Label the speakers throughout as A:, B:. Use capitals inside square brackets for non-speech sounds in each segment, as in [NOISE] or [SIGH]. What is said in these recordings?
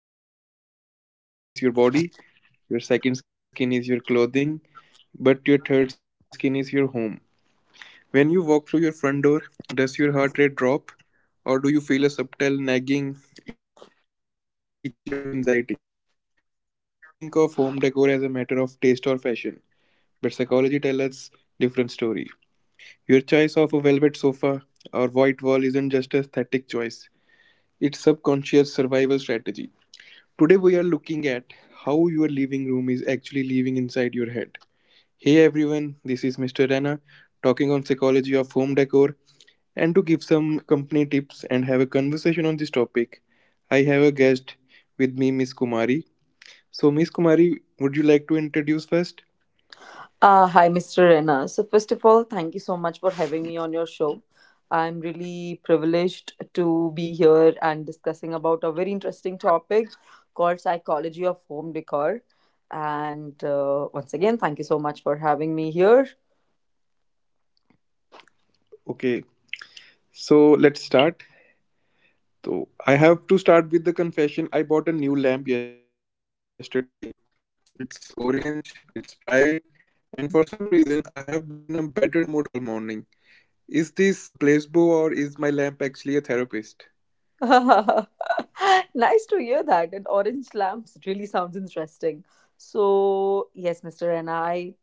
A: often call your house your third skin. Your first skin is your body, your second skin is your clothing, but your third skin is your home. When you walk through your front door, does your heart rate drop, or do you feel a subtle nagging, itchy of anxiety? We often think of home decor as a matter of taste or fashion, but psychology tells us different story. Your choice of a velvet sofa or white wall isn't just a static choice; it's subconscious survival strategy. Today we are looking at how your living room is actually living inside your head. Hey everyone, this is Mr. Rana talking on psychology of home decor and to give some company tips and have a conversation on this topic. I have a guest with me Miss Kumari. So Miss Kumari, would you like to introduce first?
B: Hi, Mr. Rena. So, first of all, thank you so much for having me on your show. I'm really privileged to be here and discussing about a very interesting topic called psychology of home decor. And once again, thank you so much for having me here.
A: Okay. So let's start. So I have to start with the confession. I bought a new lamp yesterday. It's orange, it's bright, and for some reason I have been in a better mood all morning. Is this a placebo or is my lamp actually a therapist?
B: [LAUGHS] Nice to hear that. And orange lamps really sounds interesting. So, yes, Mr. and I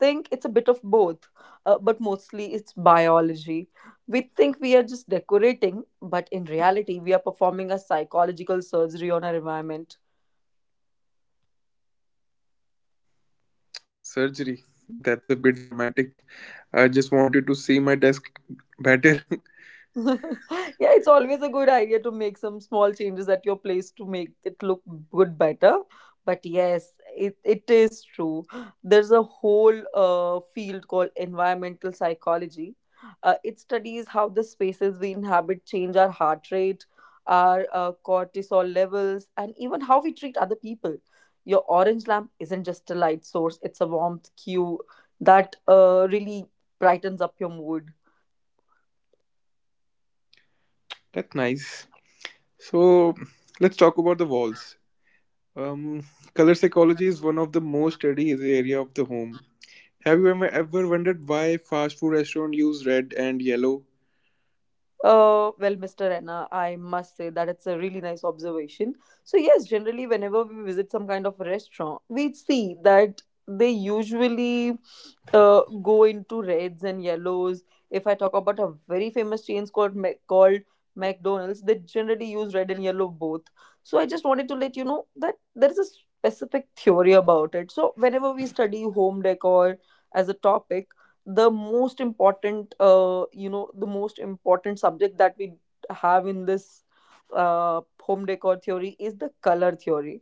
B: think it's a bit of both, but mostly it's biology. We think we are just decorating, but in reality, we are performing a psychological surgery on our environment.
A: Surgery. That's a bit dramatic. I just wanted to see my desk better.
B: [LAUGHS] Yeah, it's always a good idea to make some small changes at your place to make it look good better. But yes, it is true. There's a whole field called environmental psychology. It studies how the spaces we inhabit change our heart rate, our cortisol levels, and even how we treat other people. Your orange lamp isn't just a light source, it's a warmth cue that really brightens up your mood.
A: [LAUGHS] That's nice. So let's talk about the walls. Um, Color psychology is one of the most studied area of the home. Have you ever wondered why fast food restaurants use red and yellow?
B: Well, Mr. Anna, I must say that it's a really nice observation. So, yes, generally, whenever we visit some kind of a restaurant, we see that they usually go into reds and yellows. If I talk about a very famous chain called called McDonald's, they generally use red and yellow both. So, I just wanted to let you know that there is a specific theory about it. So, whenever we study home decor as a topic, the most important the most important subject that we have in this home decor theory is the color theory.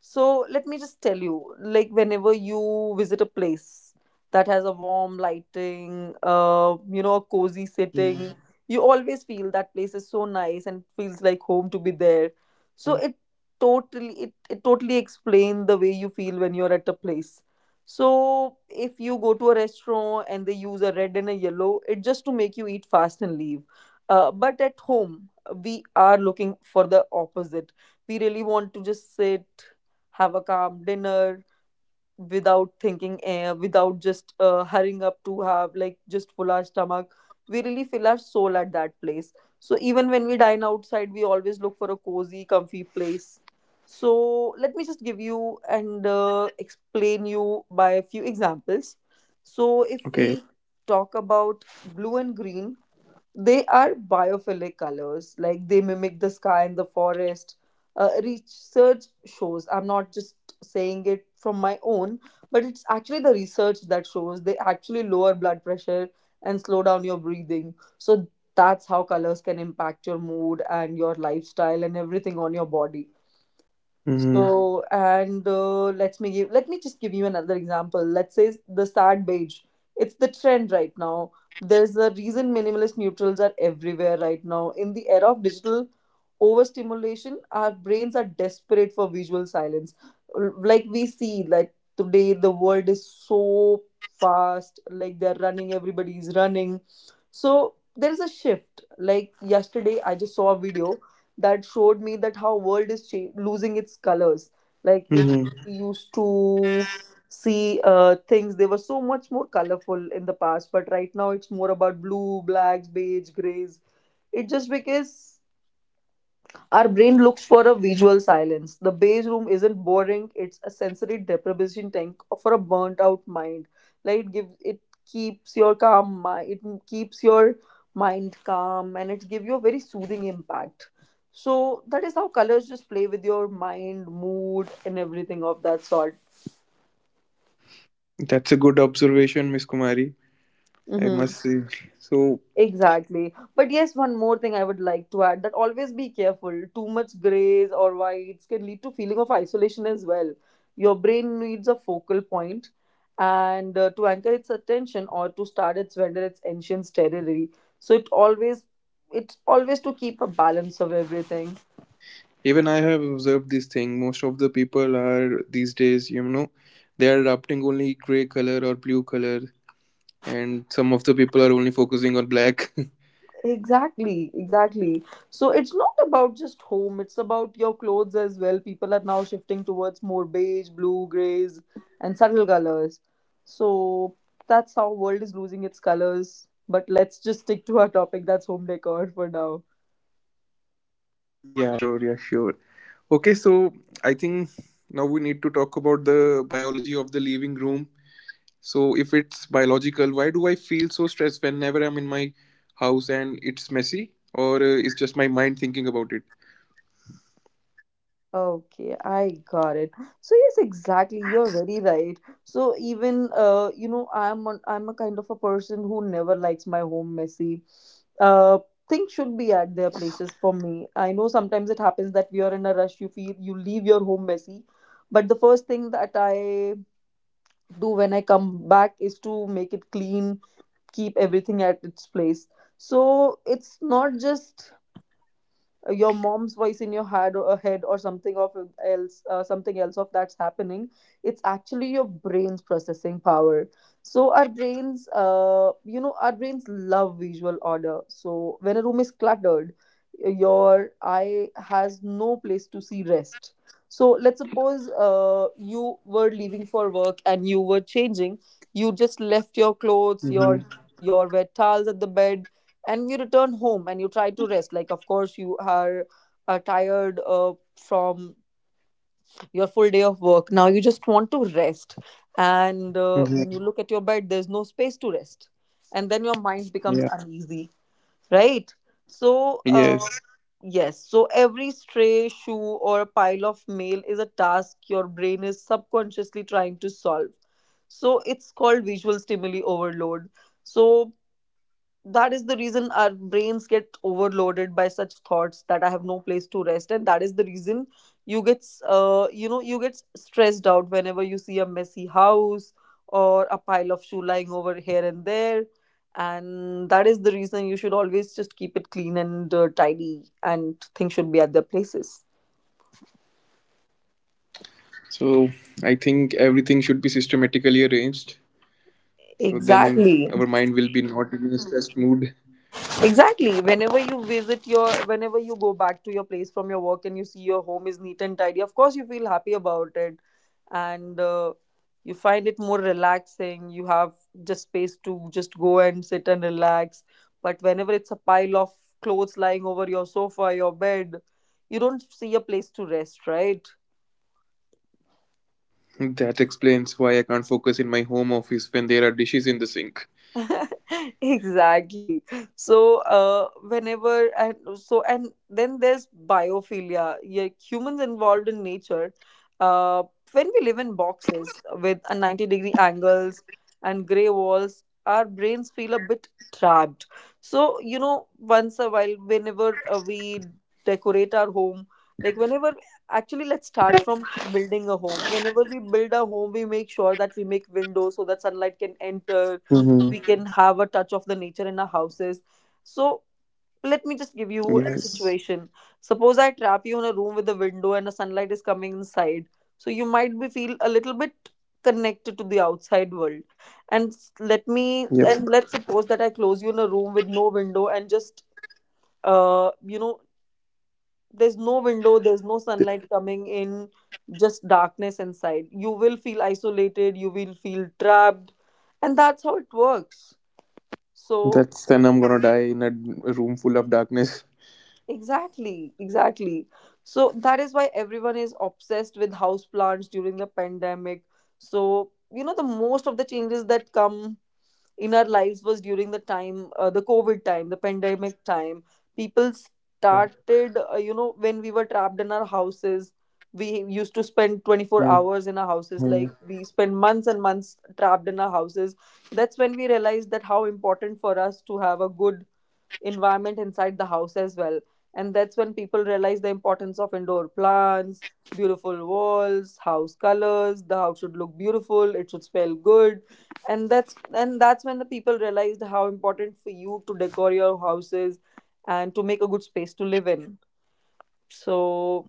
B: So let me just tell you, like whenever you visit a place that has a warm lighting, a cozy
A: Hmm.
B: sitting, you always feel that place is so nice and feels like home to be there. So it totally explain the way you feel when you're at a place. So if you go to a restaurant and they use a red and a yellow, it's just to make you eat fast and leave. But at home, we are looking for the opposite. We really want to just sit, have a calm dinner, without thinking, without just hurrying up to have like just full our stomach. We really fill our soul at that place. So even when we dine outside we always look for a cozy comfy place. So let me just give you and explain you by a few examples. So if
A: Okay.
B: we talk about blue and green, they are biophilic colors, like they mimic the sky and the forest. Research shows, I'm not just saying it from my own, but it's actually the research that shows they actually lower blood pressure and slow down your breathing. So that's how colors can impact your mood and your lifestyle and everything on your body.
A: Mm-hmm.
B: So and let me just give you another example. Let's say the sad beige. It's the trend right now. There's a reason minimalist neutrals are everywhere right now. In the era of digital overstimulation, our brains are desperate for visual silence. Like we see like today the world is so fast, like they're running, everybody's running. So there is a shift. Like yesterday I just saw a video that showed me that how world is losing its colors. Like if
A: Mm-hmm.
B: we used to see things, they were so much more colorful in the past but right now it's more about blue blacks beige grays. It just because our brain looks for a visual silence. The beige room isn't boring, it's a sensory deprivation tank for a burnt out mind. Like it gives it keeps your calm mind it keeps your mind calm and it gives you a very soothing impact. So that is how colors just play with your mind, mood and everything of that sort.
A: That's a good observation, Miss Kumari. I must
B: Hmm.
A: say. So
B: Exactly. But yes, one more thing I would like to add that always be careful. Too much grays or whites can lead to feeling of isolation as well. Your brain needs a focal point and to anchor its attention or to start its vendor its ancient territory. So it always it's always to keep a balance of everything.
A: even I have observed this thing. Most of the people are these days, you know, they are adopting only gray color or blue color, and some of the people are only focusing on black.
B: Exactly, exactly. So it's not about just home, it's about your clothes as well. People are now shifting towards more beige, blue, grays, and subtle colors. So that's how world is losing its colors. But let's just stick to our topic that's home decor for now.
A: [LAUGHS] Yeah, sure, yeah, sure. Okay, so I think now we need to talk about the biology of the living room. So, if it's biological, why do I feel so stressed whenever I'm in my house and it's messy, or it's just my mind thinking about it?
B: Okay, I got it. So yes, exactly. You're very right. So even I'm a kind of a person who never likes my home messy. Uh, Things should be at their places for me. I know sometimes it happens that we are in a rush. You feel you leave your home messy, but the first thing that I do when I come back is to make it clean, keep everything at its place. So it's not just your mom's voice in your head or something else of that's happening. It's actually your brain's processing power. So our brains our brains love visual order. So when a room is cluttered, your eye has no place to see rest. So let's suppose you were leaving for work and you were changing. You just left your clothes your
A: Mm-hmm.
B: your wet towels at the bed and you return home and you try to rest. Like of course you are tired from your full day of work, now you just want to rest. And when you look at your bed,
A: Mm-hmm.
B: there's no space to rest and then your mind becomes uneasy,
A: Yeah.
B: right? So
A: Yes.
B: yes, so every stray shoe or a pile of mail is a task your brain is subconsciously trying to solve. So it's called visual stimuli overload. So that is the reason our brains get overloaded by such thoughts that I have no place to rest and that is the reason you get you get stressed out whenever you see a messy house or a pile of shoe lying over here and there. And that is the reason you should always just keep it clean and tidy and things should be at their places.
A: So I think everything should be systematically arranged. So then our
B: Exactly.
A: mind will be not in a stressed mood.
B: Exactly. Whenever you visit whenever you go back to your place from your work and you see your home is neat and tidy, of course you feel happy about it, and you find it more relaxing. You have just space to just go and sit and relax. But whenever it's a pile of clothes lying over your sofa, your bed, you don't see a place to rest, right?
A: That explains why I can't focus in my home office when there are dishes in the sink.
B: [LAUGHS] Exactly. So uh, whenever and then there's biophilia, yeah, humans involved in nature, uh, when we live in boxes with a 90-degree angles and gray walls, our brains feel a bit trapped. So you know, once a while, whenever we decorate our home, like whenever, actually let's start from building a home. Whenever we build a home we make sure that we make windows so that sunlight
A: Hmm.
B: can enter, we can have a touch of the nature in our houses. So let me just give
A: Yes.
B: you a situation. Suppose I trap you in a room with a window and the sunlight is coming inside. So you might be feel a little bit connected to the outside world. And s- let
A: Yep.
B: me and [LAUGHS] let's suppose that I close you in a room with no window and just uh you know there's no window, there's no sunlight coming in, just darkness inside. You will feel isolated, you will feel trapped, and that's how it works. So
A: That's then I'm gonna die in a room full of darkness.
B: exactly, exactly. So that is why everyone is obsessed with house plants during the pandemic. So, the most of the changes that come in our lives was during the time, the COVID time, the pandemic time. People
A: Yeah.
B: started, when we were trapped in our houses, we used to spend 24
A: Mm-hmm.
B: hours in our houses. Like we spent months and months trapped in our houses. That's when we realized that how important for us to have a good environment inside the house as well. And that's when people realize the importance of indoor plants, beautiful walls, house colors. The house should look beautiful. It should smell good, and that's when the people realized how important for you to decor your houses and to make a good space to live in. So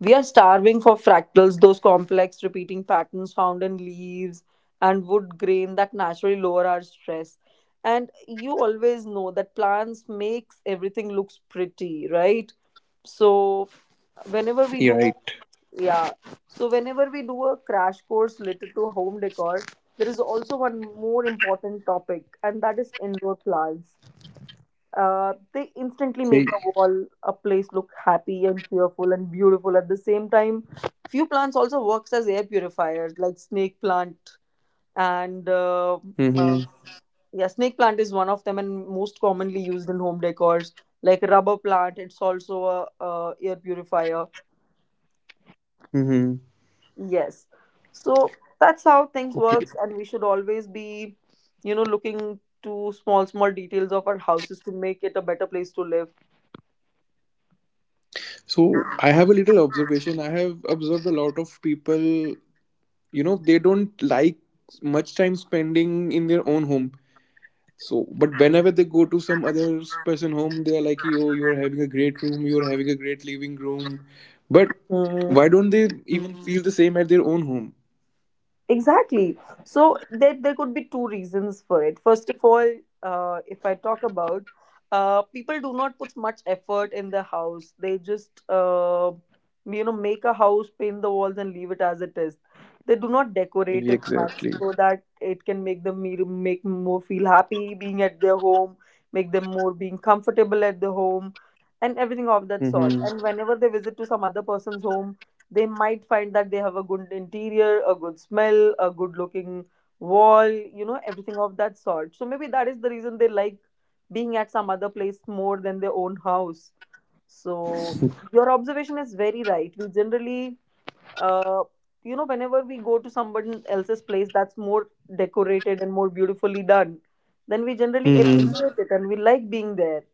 B: we are starving for fractals, those complex repeating patterns found in leaves and wood grain that naturally lower our stress. And you always know that plants makes everything looks pretty, right? So
A: You're right.
B: whenever we do yeah. So whenever we do a crash course related to home decor, there is also one more important topic, and that is indoor plants. They
A: Okay.
B: instantly make a wall, a place look happy and cheerful and beautiful at the same time. Few plants also works as air purifiers, like snake plant and uh,
A: Mm-hmm.
B: yeah, snake plant is one of them and most commonly used in home decors. Like rubber plant, it's also a, air purifier.
A: Mm-hmm.
B: Yes, so that's how things
A: Okay.
B: works, and we should always be, looking to small small details of our houses to make it a better place to live.
A: So I have a little observation. I have observed a lot of people. You know, they don't like much time spending in their own home. So, but whenever they go to some other person home, they are like, "Yo, you are having a great room. You are having a great living room." But
B: Hmm.
A: why don't they even feel the same at their own home?
B: Exactly. So there could be two reasons for it. First of all, if I talk about, people do not put much effort in the house. They just, make a house, paint the walls, and leave it as it is. They do not decorate it much
A: Exactly.
B: so that it can make them make more feel happy being at their home, make them more being comfortable at the home, and everything of that sort. And
A: Mm-hmm.
B: whenever they visit to some other person's home they might find that they have a good interior, a good smell, a good looking wall, you know, everything of that sort. So maybe that is the reason they like being at some other place more than their own house. So your observation is very right. We generally, uh, whenever we go to someone else's place that's more decorated and more beautifully done, then we generally appreciate it and
A: Mm-hmm.
B: we like being there.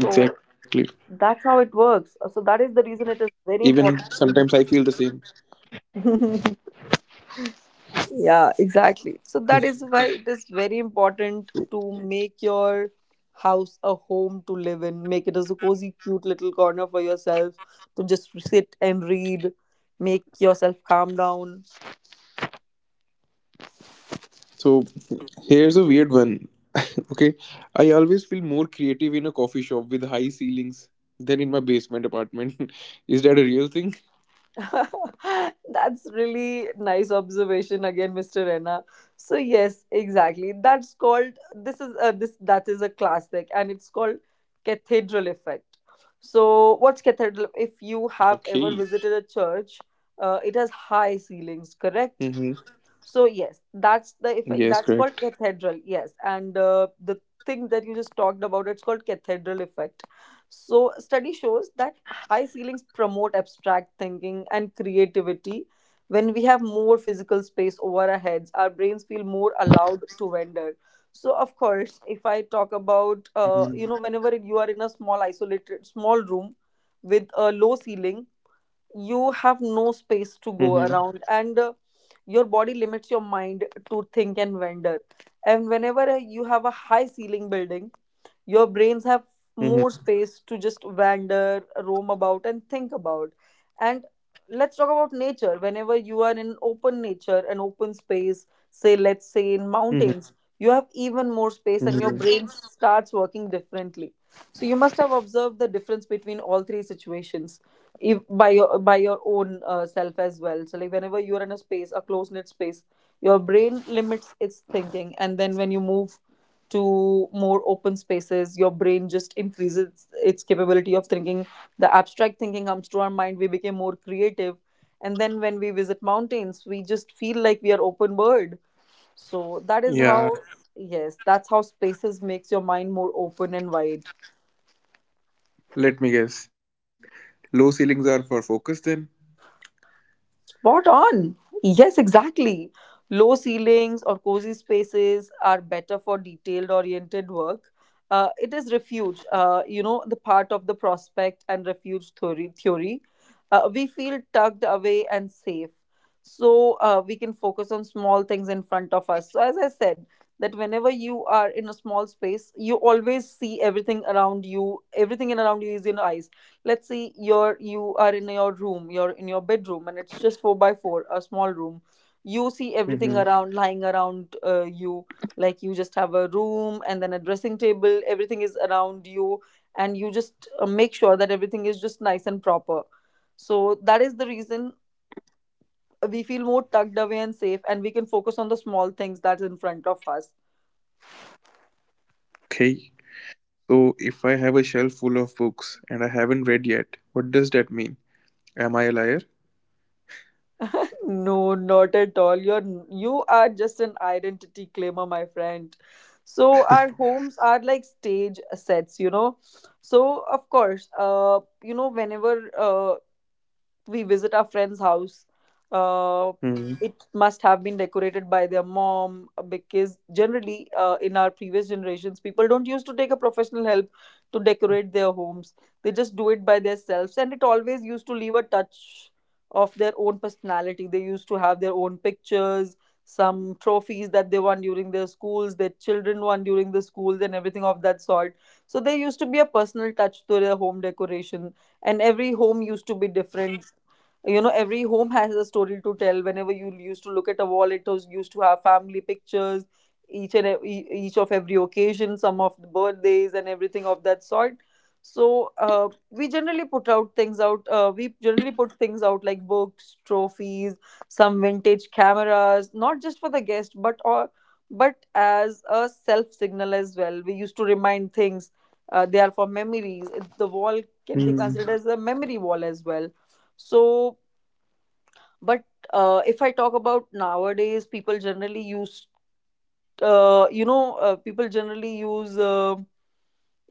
B: So
A: Exactly.
B: that's how it works. So that is the reason it is very
A: Even
B: important for
A: sometimes I feel the same.
B: you. [LAUGHS] Yeah, exactly. So that is why it is very important to make your house a home to live in. Make it as a cozy, cute little corner for yourself to just sit and read. Make yourself calm down.
A: So here's a weird one. Okay, I always feel more creative in a coffee shop with high ceilings than in my basement apartment. [LAUGHS] Is that a real thing?
B: [LAUGHS] That's really nice observation again, Mr. Rena. So yes, exactly. That's called this is a this That is a classic and it's called cathedral effect. So what's cathedral if
A: Okay.
B: you have ever visited a church, it has high ceilings,
A: Mm-hmm.
B: correct? So yes, that's
A: Yes,
B: the effect.
A: correct.
B: That's called cathedral. Yes, and the thing that you just talked about, it's called cathedral effect. So study shows that high ceilings promote abstract thinking and creativity. When we have more physical space over our heads, our brains feel more allowed to wander. So of course, if I talk
A: Mm-hmm.
B: about, whenever you are in a small isolated small room with a low ceiling, you have no space to
A: Mm-hmm.
B: go around, and your body limits your mind to think and wander. And whenever you have a high ceiling building, your brains have more
A: Mm-hmm.
B: space to just wander, roam about, and think about. And let's talk about nature. Whenever you are in open nature, an open space, say let's say in mountains, you have even more space and your
A: Mhm.
B: brain starts working differently. So you must have observed the difference between all three situations, if, by your own self as well. So like whenever you're in a space, a close knit space, your brain limits its thinking, and then when you move to more open spaces your brain just increases its capability of thinking. The abstract thinking comes to our mind, we become more creative. And then when we visit mountains we just feel like we are open bird. So that is how,
A: Yeah,
B: yes, that's how spaces makes your mind more open and wide.
A: let me guess. Low ceilings are for focus then?
B: Spot on. Yes, exactly. Low ceilings or cozy spaces are better for detailed oriented work. It is refuge, the part of the prospect and refuge theory. We feel tucked away and safe. So we can focus on small things in front of us. So, as I said, that whenever you are in a small space, you always see everything around you, everything in around you is in your eyes. Let's see. You are in your room, you're in your bedroom and it's just four by four, a small room, you see everything around lying
A: Mm-hmm.
B: around, you like you just have a room and then a dressing table, everything is around you. And you just make sure that everything is just nice and proper. So that is the reason we feel more tucked away and safe and we can focus on the small things that's in front of us.
A: Okay. So if I have a shelf full of books and I haven't read yet, what does that mean? Am I a liar?
B: No, not at all. You are just an identity claimer, my friend. So our homes are like stage sets, you know. So of course, you know, whenever we visit our friend's house, uh, it
A: Mm-hmm.
B: must have been decorated by their mom, because generally in our previous generations people don't used to take a professional help to decorate their homes. They just do it by themselves and it always used to leave a touch of their own personality. They used to have their own pictures, some trophies that they won during their schools, their children won during the schools, and everything of that sort. So there used to be a personal touch to their home decoration, and every home used to be different. You know, every home has a story to tell. Whenever you used to look at a wall, it was used to have family pictures, each and ev- e- each of every occasion, some of the birthdays and everything of that sort. So we generally put things out like books, trophies, some vintage cameras, not just for the guest but or but as a self signal as well. We used to remind things, they are for memories. The
A: Mm-hmm.
B: wall can be considered as a memory wall as well. So but if I talk about nowadays, people generally use uh,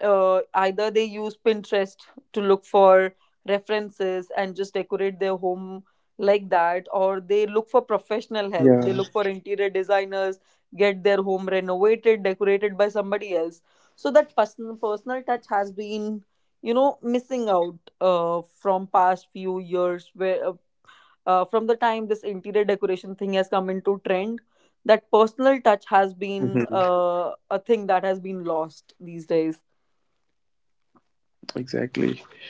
B: uh, either they use Pinterest to look for references and just decorate their home like that, or they look for
A: Yeah.
B: professional help, they look for interior designers, get their home renovated, decorated by somebody else. So that personal touch has been, you know, missing out from past few years, where from the time this interior decoration thing has come into trend, that personal touch has been
A: Mm-hmm.
B: a thing that has been lost these days.
A: Exactly.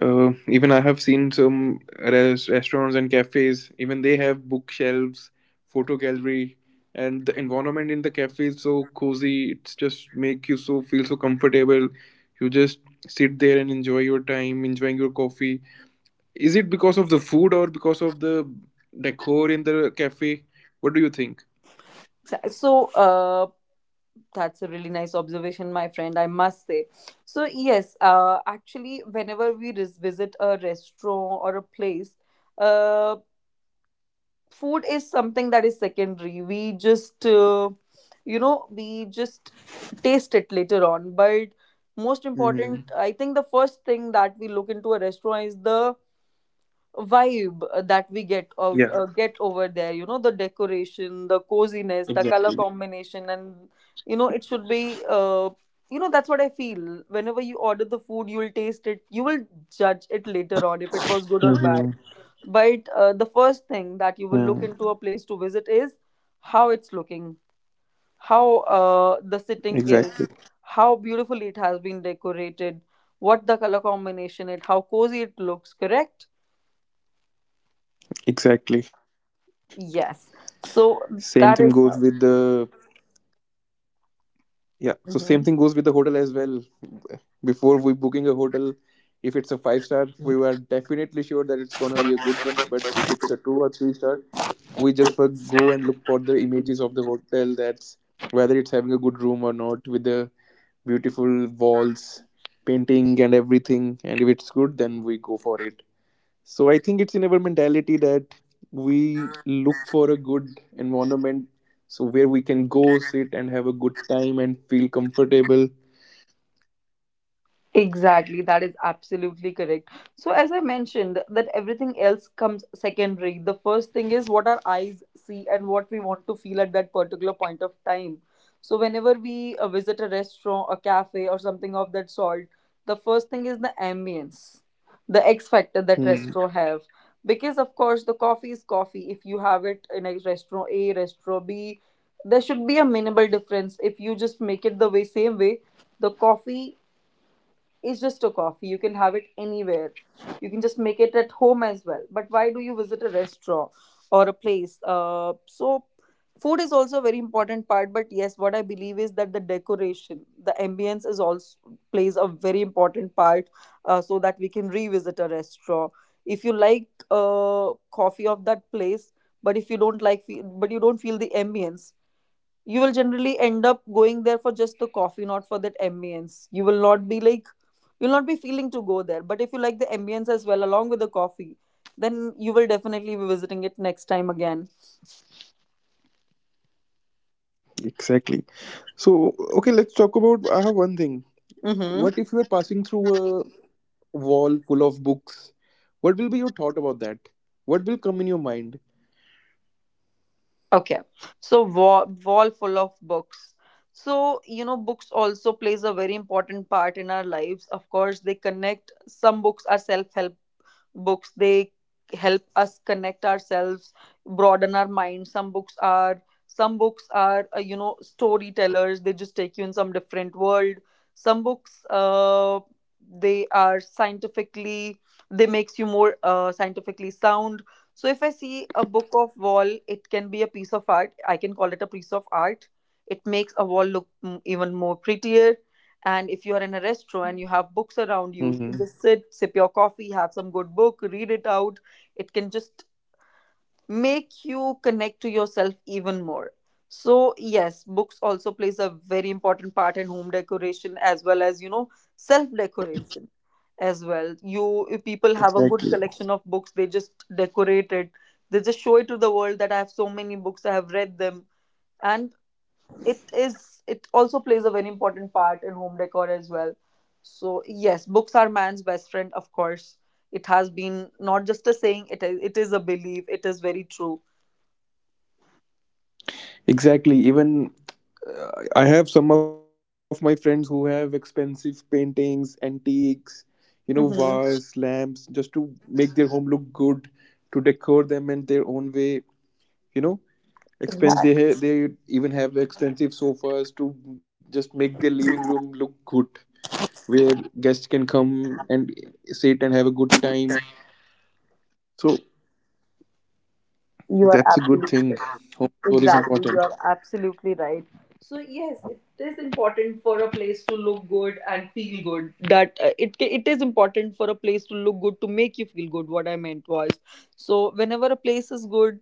A: Even I have seen some restaurants and cafes, even they have bookshelves, photo gallery, and the environment in the cafe is so cozy. It's just make you so feel so comfortable. You just sit there and enjoy your time, enjoying your coffee. Is it because of the food or because of the decor in the cafe? What do you think?
B: So that's a really nice observation my friend, I must say. So yes, actually whenever we visit a restaurant or a place, uh, food is something that is secondary. We just we just taste it later on, but most important. Mhm. I
A: Mm-hmm.
B: think the first thing that we look into a restaurant is the vibe, that we get out get
A: Yeah,
B: over there. You know, the decoration, the coziness, the color
A: exactly.
B: combination, and you know it should be, uh, that's what I feel. Whenever you order the food, you'll taste it, you will judge it later on if it
A: Mm-hmm.
B: was good or bad. But the first thing that you will look into a place to visit is how it's looking, how the
A: Exactly.
B: sitting is, how beautifully it has been decorated, what the color combination it, how cozy it looks, correct?
A: Exactly.
B: Yes.
A: Same thing
B: So
A: goes with
B: that is how.
A: the Yeah, so same thing goes with the hotel as well. Before we booking a hotel, if it's a five star, we were definitely sure that it's gonna be a good one. But if it's a two or three star, we just for go and look for the images of the hotel. That's whether it's having a good room or not, with the beautiful walls, painting, and everything. And if it's good, then we go for it. So I think it's in our mentality that we look for a good environment, so where we can go
B: Mhm.
A: sit and have a good time and feel comfortable.
B: Exactly, that is absolutely correct. So, as I mentioned, that everything else comes secondary. The first thing is what our eyes see and what we want to feel at that particular point of time. So, whenever we visit a restaurant, a cafe, or something of that sort, the first thing is the ambience, the X factor that restaurant
A: Hmm,
B: have. Because of course, the coffee is coffee. If you have it in a restaurant A, restaurant B, there should be a minimal difference. If you just make it the way same way, the coffee, it's just a coffee. You can have it anywhere. You can just make it at home as well. But why do you visit a restaurant or a place? So food is also a very important part. But yes, what I believe is that the decoration, the ambience is also plays a very important part, so that we can revisit a restaurant. If you like coffee of that place, but if you don't like, but you don't feel the ambience, you will generally end up going there for just the coffee, not for that ambience. You will not be like, you'll not be feeling to go there. But if you like the ambience as well, along with the coffee, then you will definitely be visiting it next time again.
A: exactly. So okay, let's talk about. I have one thing.
B: Mm-hmm.
A: What if you are passing through a wall full of books? What will be your thought about that? What will come in your mind?
B: Okay. So wall full of books. So, you know, books also plays a very important part in our lives. Of course, they connect. Some books are self-help books, they help us connect ourselves, broaden our mind. Some books are some books are you know storytellers, they just take you in some different world. Some books, they are scientifically, they makes you more scientifically sound. So if I see a book of wall, it can be a piece of art. I can call it a piece of art. It makes a wall look even more prettier. And if you're in a restaurant and you
A: Hmm.
B: have books around you, you can just sit, sip your coffee, have some good book, read it out. It can just make you connect to yourself even more. So yes, books also plays a very important part in home decoration as well as, you know, self decoration as well. You If people have
A: Exactly.
B: a good collection of books, they just decorate it. They just show it to the world that I have so many books, I have read them, and it also plays a very important part in home decor as well. So yes, books are man's best friend, of course. It has been not just a saying, it is a belief, it is very true.
A: Exactly. Even I have some of my friends who have expensive paintings, antiques, you know, vases,
B: Mm-hmm.
A: lamps, just to make their home look good, to decor them in their own way, you know. Expensive, they even have expensive sofas to just make their living room look good, where guests can come and sit and have a good
B: Exactly.
A: time. So
B: You are
A: that's a good
B: absolutely
A: thing. Home
B: right.
A: decor is
B: Exactly. You are
A: important.
B: absolutely right. So yes, it is important for a place to look good and feel good. It is important for a place to look good to make you feel good. What I meant was, so whenever a place is good,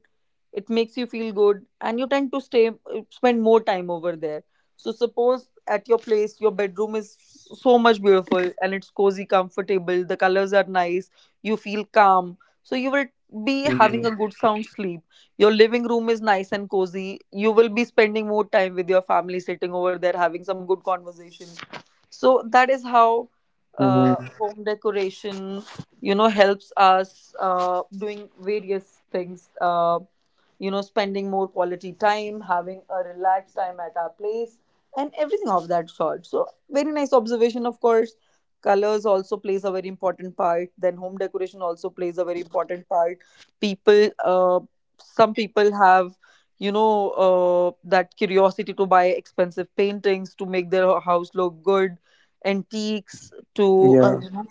B: it makes you feel good, and you tend to stay spend more time over there. So suppose at your place, your bedroom is so much beautiful and it's cozy, comfortable. The colors are nice. You feel calm. So you will
A: Mm-hmm.
B: be having a good sound sleep. Your living room is nice and cozy, you will be spending more time with your family, sitting over there, having some good conversation. So that is how
A: Mm-hmm.
B: home decoration, you know, helps us doing various things, you know, spending more quality time, having a relaxed time at our place and everything of that sort. So very nice observation, of course. Colors also plays a very important part, then home decoration also plays a very important part. People Some people have, you know, that curiosity to buy expensive paintings to make their house look good, antiques to,
A: Yeah,
B: uh, you know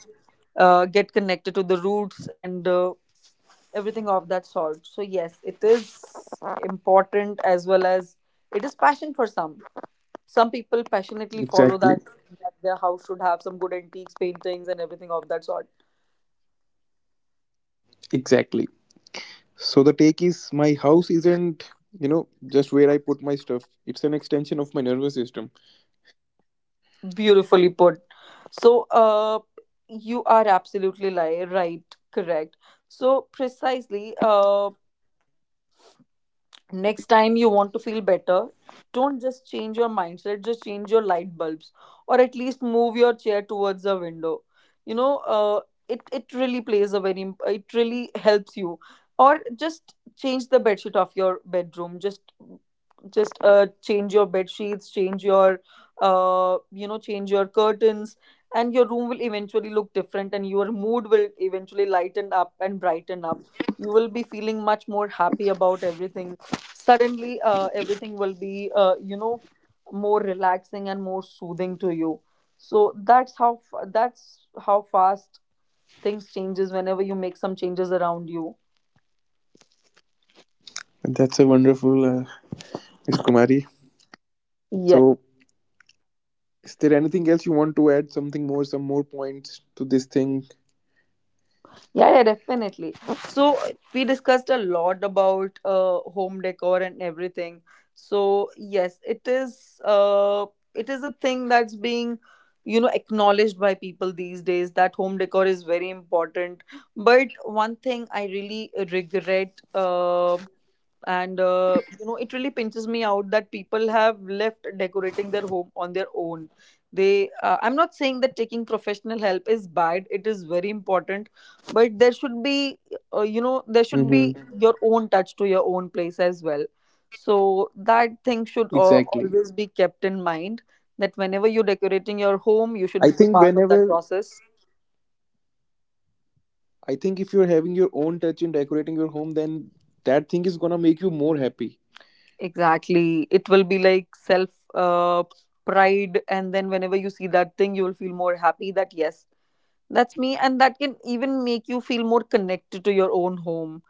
B: uh, get connected to the roots and everything of that sort. So yes, it is important, as well as it is passion for some. Some people passionately follow
A: exactly.
B: that, that their house should have some good antiques, paintings and everything of that sort.
A: Exactly. So the take is my house isn't, you know, just where I put my stuff. It's an extension of my nervous system.
B: Beautifully put. So, you are absolutely right, correct. So, precisely. Next time you want to feel better, don't just change your mindset, just change your light bulbs, or at least move your chair towards the window, you know. It it really plays a very it really helps you. Or just change the bedsheet of your bedroom. Just change your bed sheets, change your, change your curtains, and your room will eventually look different and your mood will eventually lighten up and brighten up. You will be feeling much more happy about everything. Suddenly everything will be, more relaxing and more soothing to you. So that's that's how fast things changes whenever you make some changes around you.
A: And that's a wonderful Miss Kumari.
B: Yes.
A: So is there anything else you want to add? Something more, some more points to this thing?
B: Yeah, yeah, definitely. So we discussed a lot about home decor and everything. So yes, it is a thing that's being, you know, acknowledged by people these days, that home decor is very important. But one thing I really regret. And you know, it really pinches me out that people have left decorating their home on their own. They I'm not saying that taking professional help is bad, it is very important, but there should be, there
A: Hmm.
B: should be your own touch to your own place as well. So that thing should
A: Exactly.
B: always be kept in mind, that whenever you're decorating your home, you should
A: I
B: be a
A: think
B: part of that
A: whenever
B: process.
A: I think if you're having your own touch in decorating your home, then that thing is gonna make you more happy.
B: Exactly. It will be like self uh, pride. And then whenever you see that thing, you will feel more happy that, yes, that's me. And that can even make you feel more connected to your own home.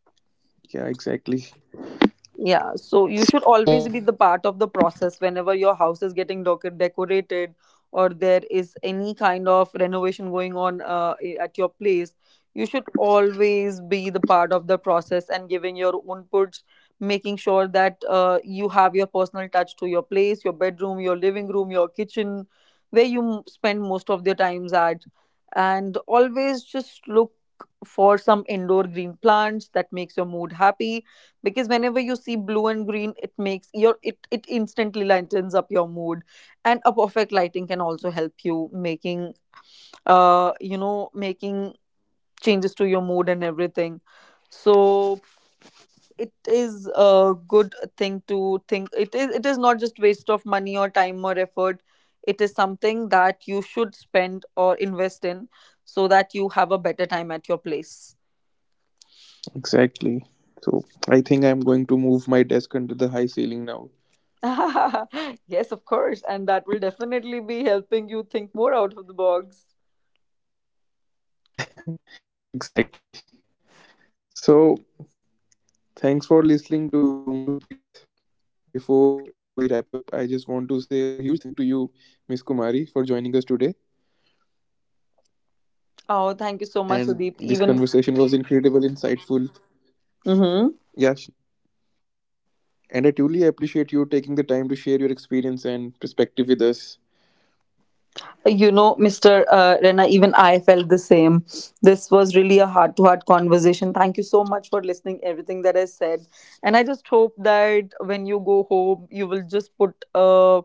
A: Yeah, exactly.
B: Yeah,
A: So
B: so you should always be the part of the process whenever your house is getting decorated, or there is any kind of renovation going on, at your place. You should always be the part of the process and giving your inputs, making sure that you have your personal touch to your place, your bedroom, your living room, your kitchen, where you spend most of your times at. And always just look for some indoor green plants that makes your mood happy, because whenever you see blue and green, it makes your it instantly lightens up your mood. And a perfect lighting can also help you making changes to your mood and everything. So it is a good thing to think. It is not just waste of money or time or effort. It is something that you should spend or invest in, so that you have a better time at your place.
A: exactly. So I think I'm going to move my desk under the high ceiling now.
B: [LAUGHS] Yes, of course. And that will definitely be helping you think more out of the box.
A: Exactly. So, thanks for listening to Room to Breathe. Before we wrap up, I just want to say a huge thank to you, Miss Kumari, for joining us today.
B: Oh,
A: And
B: thank you so
A: this
B: much, Sudeep.
A: conversation was
B: Even,
A: incredible, insightful.
B: hmm,
A: Yes, and I truly appreciate you taking the time to share your experience and perspective with us.
B: you know, Mr. Rena, even I felt the same. This was really a heart to heart conversation. Thank you so much for listening everything that I said. And I just hope that when you go home, you will just put, uh,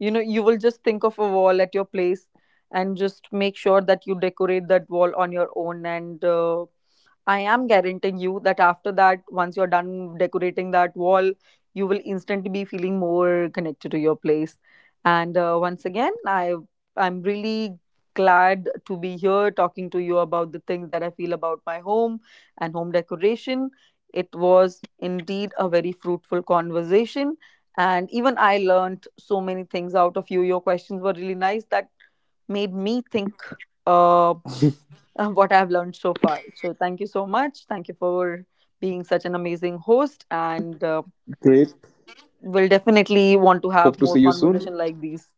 B: you will just think of a wall at your place, and just make sure that you decorate that wall on your own. And I am guaranteeing you that after that, once you're done decorating that wall, you will instantly be feeling more connected to your place. And once again, I'm really glad to be here, talking to you about the things that I feel about my home and home decoration. It was indeed a very fruitful conversation, and even I learned so many things out of you. Your questions were really nice that made me think. Uh, what I've learned so far. So thank you so much. Thank you for being such an amazing host, and
A: Great.
B: we'll definitely want to have
A: Hope
B: more
A: to see you
B: conversation
A: soon.
B: like these.